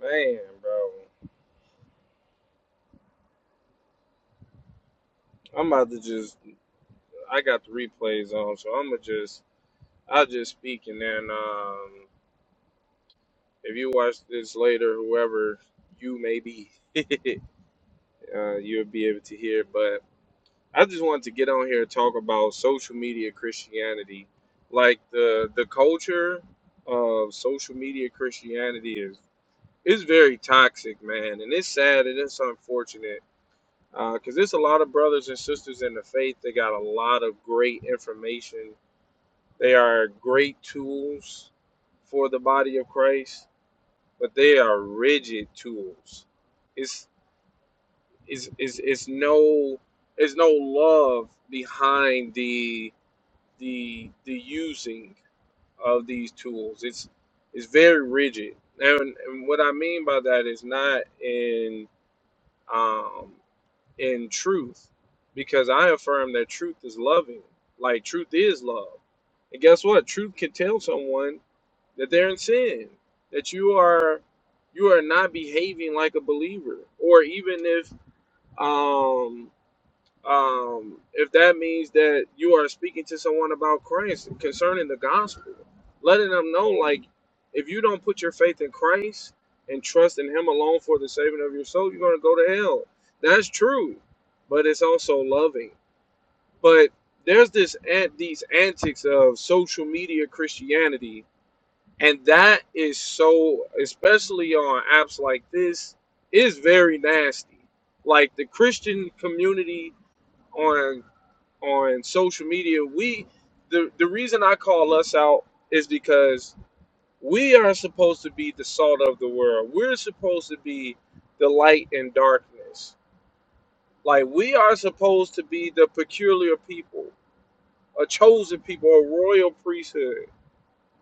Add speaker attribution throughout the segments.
Speaker 1: Man, bro, I'm about to just. I got the replays on, so I'm gonna just. I'll just speak, and then um, if you watch this later, whoever you may be, uh, you'll be able to hear. But I just wanted to get on here and talk about social media Christianity, like the the culture of social media Christianity is is very toxic, man, and it's sad and it's unfortunate because there's a lot of brothers and sisters in the faith that got a lot of great information They are great tools for the body of Christ, but they are rigid tools. It's is is is no there's no love behind the the the using of these tools. It's it's very rigid. And, and what I mean by that is not in um in truth, because I affirm that truth is loving. Like truth is love. And guess what? Truth can tell someone that they're in sin, that you are you are not behaving like a believer, or even if um, um, if that means that you are speaking to someone about Christ concerning the gospel, letting them know like if you don't put your faith in Christ and trust in Him alone for the saving of your soul, you're going to go to hell. That's true, but it's also loving. But there's this ant these antics of social media Christianity and that is so especially on apps like this is very nasty like the christian community on on social media we the the reason i call us out is because we are supposed to be the salt of the world we're supposed to be the light in darkness like we are supposed to be the peculiar people a chosen people a royal priesthood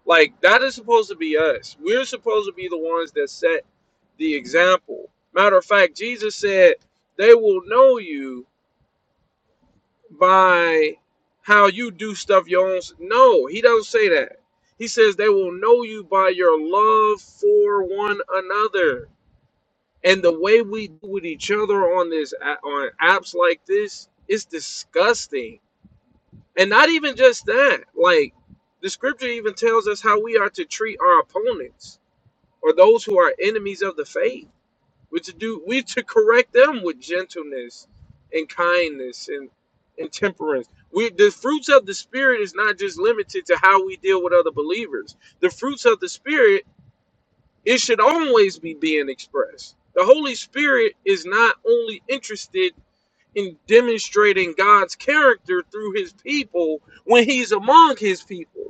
Speaker 1: like that is supposed to be us. We're supposed to be the ones that set the example. Matter of fact, Jesus said, "They will know you by how you do stuff your own." No, he doesn't say that. He says they will know you by your love for one another. And the way we do with each other on this on apps like this is disgusting. And not even just that. Like the scripture even tells us how we are to treat our opponents or those who are enemies of the faith. We're to do we to correct them with gentleness and kindness and and temperance. We the fruits of the spirit is not just limited to how we deal with other believers. The fruits of the spirit it should always be being expressed. The Holy Spirit is not only interested in demonstrating God's character through his people when he's among his people.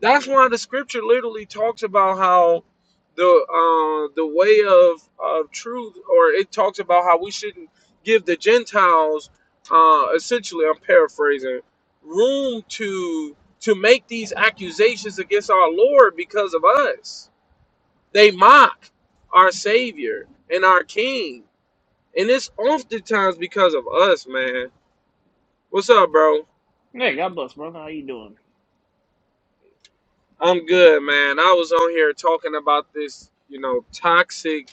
Speaker 1: That's why the scripture literally talks about how the uh, the way of of truth, or it talks about how we shouldn't give the Gentiles, uh, essentially, I'm paraphrasing, room to to make these accusations against our Lord because of us. They mock our Savior and our King, and it's oftentimes because of us, man. What's up, bro?
Speaker 2: Hey, God bless, brother. How you doing?
Speaker 1: I'm good, man. I was on here talking about this, you know, toxic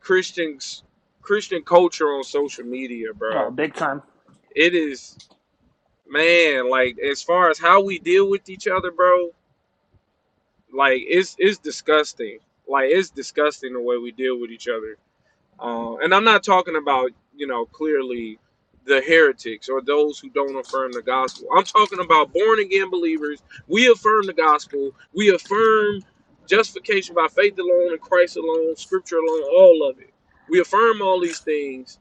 Speaker 1: Christians Christian culture on social media,
Speaker 2: Oh,
Speaker 1: bro.
Speaker 2: big time.
Speaker 1: It is man, like as far as how we deal with each other, bro, like it's it's disgusting. Like it's disgusting the way we deal with each other. Uh, and I'm not talking about, you know, clearly the heretics or those who don't affirm the gospel. I'm talking about born again believers. We affirm the gospel. We affirm justification by faith alone and Christ alone, scripture alone, all of it. We affirm all these things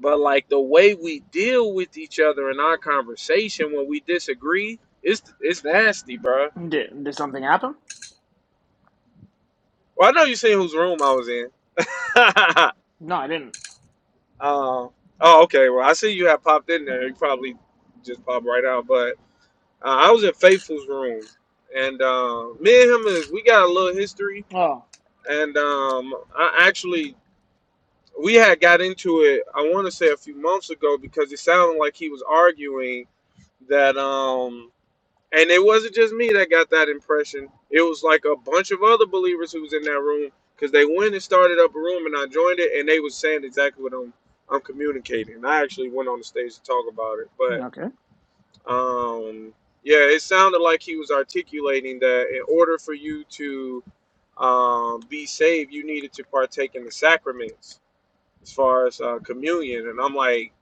Speaker 1: But like the way we deal with each other in our conversation when we disagree, it's it's nasty, bro.
Speaker 2: Did did something happen?
Speaker 1: Well, I know you seen whose room I was in.
Speaker 2: No, I didn't.
Speaker 1: um, oh, okay. Well, I see you have popped in there. You probably just popped right out. But uh, I was in Faithful's room, and uh, me and him, uh, we got a little history.
Speaker 2: Oh,
Speaker 1: And um, I actually we had got into it. I want to say a few months ago because it sounded like he was arguing that. Um, And it wasn't just me that got that impression. It was like a bunch of other believers who was in that room because they went and started up a room, and I joined it, and they was saying exactly what I'm I'm communicating. I actually went on the stage to talk about it, but
Speaker 2: okay.
Speaker 1: um, yeah, it sounded like he was articulating that in order for you to um, be saved, you needed to partake in the sacraments, as far as uh, communion. And I'm like,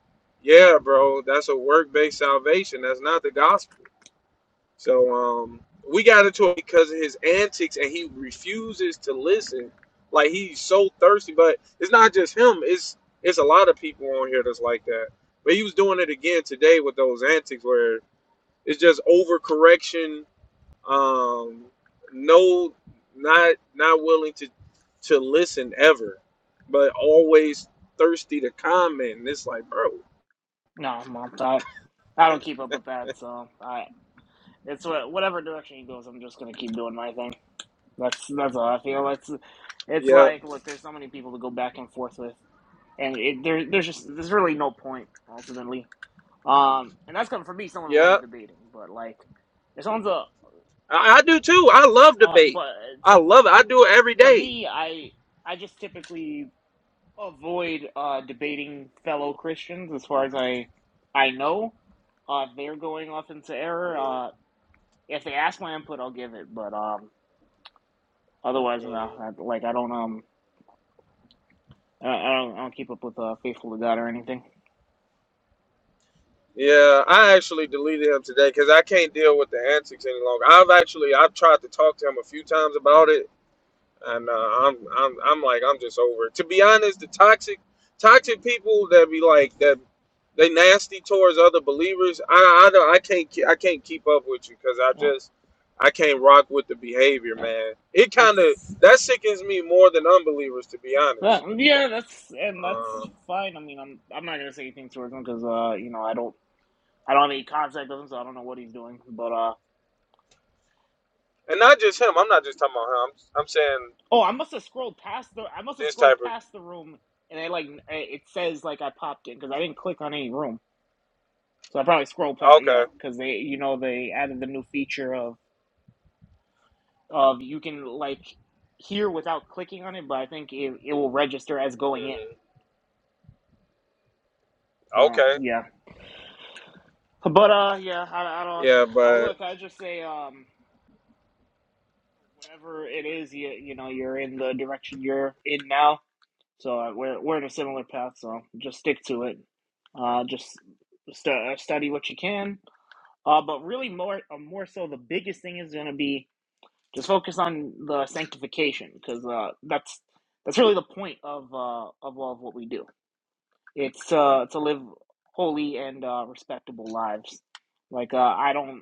Speaker 1: yeah, bro, that's a work-based salvation. That's not the gospel. So um, we got into it because of his antics, and he refuses to listen. Like he's so thirsty, but it's not just him. It's it's a lot of people on here that's like that. But he was doing it again today with those antics, where it's just overcorrection, um, no, not not willing to to listen ever, but always thirsty to comment. And it's like, bro,
Speaker 2: No, mom. I I don't keep up with that, so I it's what whatever direction he goes, I'm just gonna keep doing my thing. That's that's all I feel. It's it's
Speaker 1: yeah,
Speaker 2: like look, there's so many people to go back and forth with, and it, there there's just there's really no point ultimately. Um, and that's coming from me, someone who
Speaker 1: yeah,
Speaker 2: loves debating, but like, if someone's a
Speaker 1: I, I do too. I love
Speaker 2: uh,
Speaker 1: debate.
Speaker 2: but to
Speaker 1: I love it. I do it every
Speaker 2: to
Speaker 1: day
Speaker 2: me, I I just typically avoid uh, debating fellow Christians as far as I I know. Uh, if they're going off into error, uh, if they ask my input, I'll give it. But um, otherwise, no.
Speaker 1: Mhm.
Speaker 2: I, like I don't um I don't, I don't keep up with uh, faithful to God or anything.
Speaker 1: Yeah, I actually deleted him today because I can't deal with the antics any longer. I've actually I've tried to talk to him a few times about it, and uh, I'm I'm I'm like I'm just over it. To be honest, the toxic toxic people that be like that they nasty towards other believers. I I don't I can't ke- I can't keep up with you because I
Speaker 2: Uh,
Speaker 1: just I can't rock with the behavior,
Speaker 2: that,
Speaker 1: man. It kind of
Speaker 2: that's
Speaker 1: that sickens me more than unbelievers, to be
Speaker 2: that,
Speaker 1: honest.
Speaker 2: yeah. That's and that's
Speaker 1: Um,
Speaker 2: fine. I mean, I'm I'm not gonna say anything towards him because uh you know I don't I don't have any contact with him, so I don't know what he's doing. But uh.
Speaker 1: and not just him. I'm not just talking about him. I'm, I'm saying
Speaker 2: Oh, I must have scrolled past the. I must have
Speaker 1: This
Speaker 2: scrolled
Speaker 1: type
Speaker 2: past the room, and I like it says like I popped in because I didn't click on any room, so I probably scrolled
Speaker 1: of
Speaker 2: past.
Speaker 1: okay,
Speaker 2: Yeah, because they, you know, they added the new feature of of you can like hear without clicking on it, but I think it it will register as going in.
Speaker 1: hmm
Speaker 2: So
Speaker 1: okay,
Speaker 2: yeah, but uh, yeah, I, I don't.
Speaker 1: yeah,
Speaker 2: I
Speaker 1: but
Speaker 2: look. I just say um, whatever it is, you you know, you're in the direction you're in now So uh, we're we're in a similar path. So just stick to it. Uh, just stu- uh, study what you can. Uh, but really more uh, more so the biggest thing is going to be just focus on the sanctification because uh, that's that's really the point of uh, of all of what we do. It's uh, to live holy and uh, respectable lives. Like uh, I don't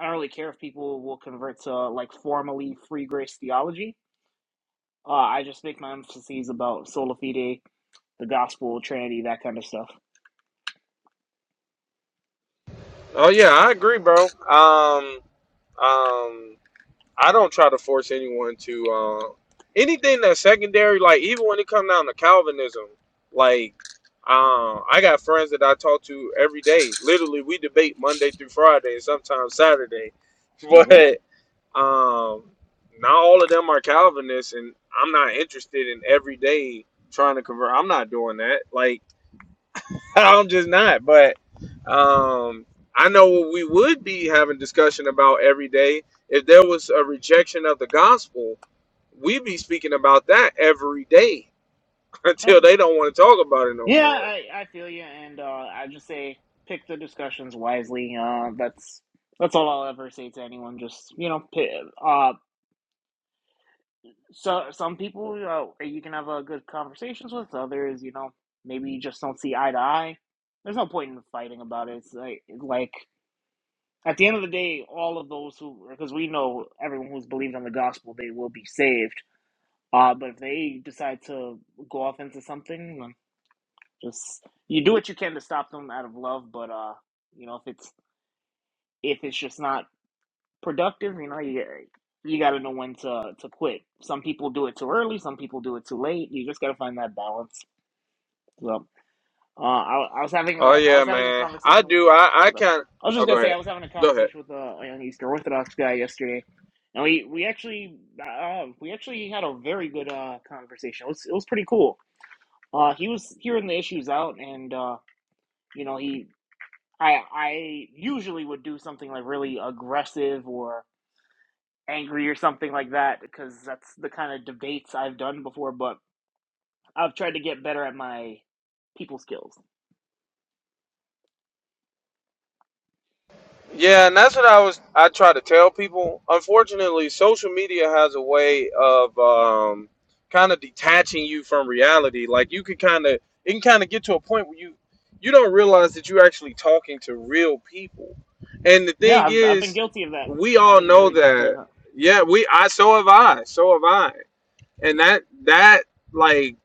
Speaker 2: I don't really care if people will convert to like formally free grace theology. Uh, I just make my emphases about sola fide the gospel, Trinity, that kind of stuff.
Speaker 1: oh yeah, I agree, bro. Um, um, I don't try to force anyone to uh, anything that's secondary. Like even when it comes down to Calvinism, like um, I got friends that I talk to every day. Literally, we debate Monday through Friday and sometimes Saturday,
Speaker 2: Okay.
Speaker 1: but um, not all of them are Calvinists, and I'm not interested in every day trying to convert. I'm not doing that. Like I'm just not. But um, I know what we would be having discussion about every day if there was a rejection of the gospel. We'd be speaking about that every day until
Speaker 2: Um,
Speaker 1: they don't want to talk about it no
Speaker 2: yeah,
Speaker 1: more.
Speaker 2: I, I feel you, and uh, I just say pick the discussions wisely. Uh, that's that's all I'll ever say to anyone. Just you know, pick, uh, so some people uh, you can have uh, good conversations with. Others, you know, maybe you just don't see eye to eye. There's no point in fighting about it. It's like like at the end of the day, all of those who because we know everyone who's believed on the gospel, they will be saved. Uh, but if they decide to go off into something, Just you do what you can to stop them out of love, but uh, you know, if it's if it's just not productive, you know, you you got to know when to to quit. Some people do it too early, some people do it too late. You just got to find that balance. So, uh, I, I was having a
Speaker 1: Oh
Speaker 2: I
Speaker 1: yeah,
Speaker 2: was having a
Speaker 1: man. I
Speaker 2: conversation with
Speaker 1: do.
Speaker 2: the
Speaker 1: I I
Speaker 2: okay.
Speaker 1: kind.
Speaker 2: I was
Speaker 1: Oh,
Speaker 2: just
Speaker 1: go
Speaker 2: gonna say
Speaker 1: ahead.
Speaker 2: I was having a
Speaker 1: Go ahead.
Speaker 2: conversation with a, a young Eastern Orthodox guy yesterday, and we we actually uh, we actually had a very good uh conversation. It was it was pretty cool. Uh, he was hearing the issues out, and uh, you know, he I I usually would do something like really aggressive or angry or something like that because that's the kind of debates I've done before. But I've tried to get better at my people skills.
Speaker 1: Yeah, and that's what I was I try to tell people. Unfortunately, social media has a way of um kind of detaching you from reality. Like you could kind of it can kind of get to a point where you you don't realize that you're actually talking to real people. And the
Speaker 2: Yeah,
Speaker 1: thing
Speaker 2: I've I've been
Speaker 1: is,
Speaker 2: guilty of that.
Speaker 1: we
Speaker 2: I've
Speaker 1: all
Speaker 2: been
Speaker 1: know
Speaker 2: very guilty of
Speaker 1: that.
Speaker 2: that.
Speaker 1: Yeah, we I so have I. So have I. And that that like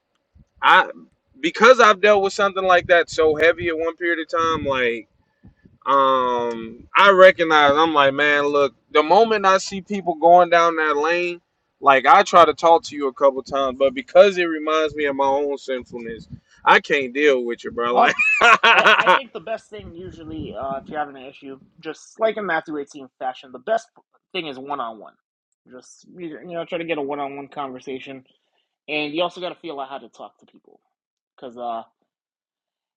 Speaker 1: I because I've dealt with something like that so heavy at one period of time like um I recognize I'm like, man, look, the moment I see people going down that lane, like I try to talk to you a couple times, but because it reminds me of my own sinfulness, I can't deal with you, bro. Like
Speaker 2: Um, I I think the best thing usually uh, if you're having an issue, just like in Matthew 18 fashion, the best thing is one on one. Just you know try to get a one on one conversation, and you also got to feel out how to talk to people because. uh,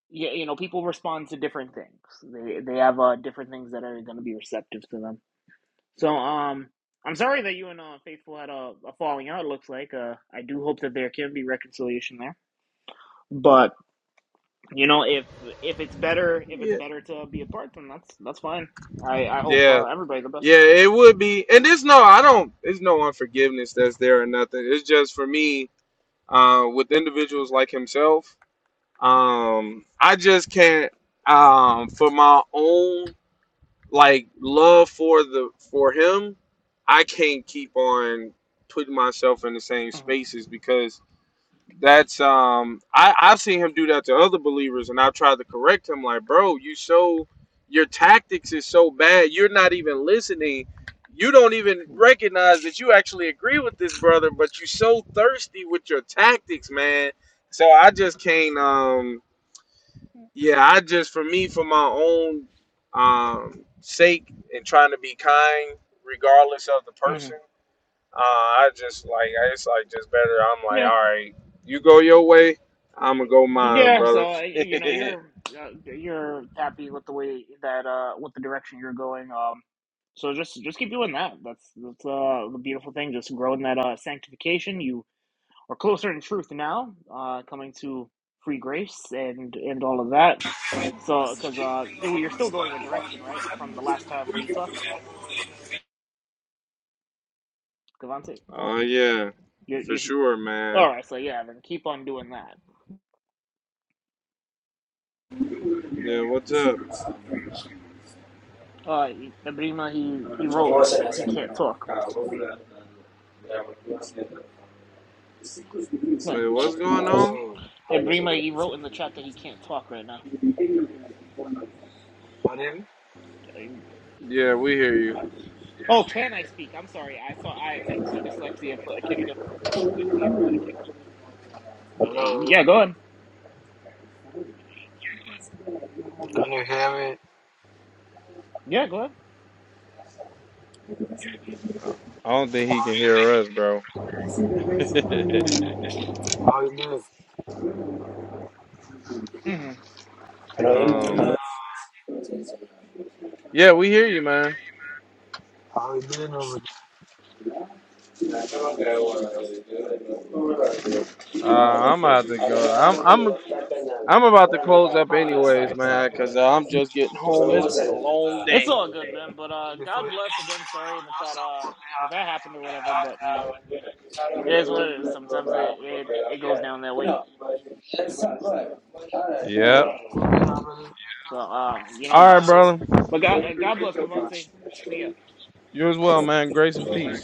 Speaker 2: yeah, you know, people respond to different things. They they have uh, different things that are going to be receptive to them. So, um, I'm sorry that you and uh, Faithful had a, a falling out. It looks like uh, I do hope that there can be reconciliation there. But you know, if if it's better if it's
Speaker 1: Yeah.
Speaker 2: better to be apart, then that's that's fine. I I hope
Speaker 1: Yeah.
Speaker 2: uh, everybody the best.
Speaker 1: Yeah, it would be and it's no I don't It's no unforgiveness that's there or nothing. It's just for me, uh, with individuals like himself, um, I just can't um for my own like love for the for him, I can't keep on putting myself in the same
Speaker 2: hmm
Speaker 1: spaces because that's um I, I've seen him do that to other believers and I've tried to correct him like, bro, you so your tactics is so bad, you're not even listening. You don't even recognize that you actually agree with this brother, but you are so thirsty with your tactics, man. So I just can't um yeah, I just for me for my own um sake and trying to be kind regardless of the
Speaker 2: hmm
Speaker 1: person. Uh I just like I it's like just better I'm like,
Speaker 2: Yeah.
Speaker 1: all right, you go your way, I'm gonna go mine,
Speaker 2: Yeah,
Speaker 1: brother.
Speaker 2: so uh, you know you're uh, you're happy with the way that uh with the direction you're going. Um, so just just keep doing that. That's that's uh the beautiful thing. Just growing that uh sanctification. You are closer in truth now. Uh, coming to free grace and and all of that. So because uh you- well, you're still going the direction right from the last time we talked, Cavante.
Speaker 1: Oh yeah,
Speaker 2: you
Speaker 1: for
Speaker 2: you're
Speaker 1: sure, man.
Speaker 2: all right. So yeah, then keep on doing that.
Speaker 1: Yeah, what's up?
Speaker 2: Uh, Ibrima he he wrote
Speaker 3: Motion
Speaker 2: he,
Speaker 3: has
Speaker 2: he
Speaker 3: been,
Speaker 2: can't
Speaker 3: uh,
Speaker 2: talk.
Speaker 3: popular, uh,
Speaker 1: Wait, what's
Speaker 3: Uh,
Speaker 1: going on?
Speaker 3: Hello.
Speaker 2: And Brima, he wrote in the chat that he can't talk right now.
Speaker 3: My name?
Speaker 2: Yeah,
Speaker 1: Yeah,
Speaker 2: yeah.
Speaker 1: we hear you.
Speaker 2: Oh, can I speak? I'm sorry. I saw I my dyslexia put, kicked him. Yeah,
Speaker 3: Hello.
Speaker 2: yeah, go ahead.
Speaker 3: Can you hear me?
Speaker 2: Yeah, go ahead.
Speaker 1: I I don't think he can hear us, bro.
Speaker 3: How you doing?
Speaker 2: hmm
Speaker 3: Hello, Amy.
Speaker 1: Um,
Speaker 3: Uh,
Speaker 1: yeah, we hear you, man.
Speaker 3: How you doing over
Speaker 1: Uh, I'm about to go.
Speaker 3: no,
Speaker 1: I'm I'm I'm about to close up
Speaker 3: ah,
Speaker 1: anyways, man, because uh, I'm just getting
Speaker 3: So,
Speaker 1: home. It's been a
Speaker 3: uh,
Speaker 1: long
Speaker 3: uh,
Speaker 2: It's
Speaker 1: day.
Speaker 2: all good, man. But
Speaker 3: there?
Speaker 2: uh,
Speaker 3: Before you
Speaker 2: God bless again. Sorry that that uh that that happened or whatever. But you know, it is what it is. Sometimes it it, it goes down that
Speaker 3: You
Speaker 2: way.
Speaker 3: know, that's not good. Alright. damn.
Speaker 1: Yep.
Speaker 3: Could we
Speaker 2: So,
Speaker 3: have an
Speaker 2: so um, you know,
Speaker 1: All right,
Speaker 2: just
Speaker 3: answer?
Speaker 1: brother.
Speaker 2: but God uh, God bless Cavante. See ya.
Speaker 1: You as well, man. Grace and peace.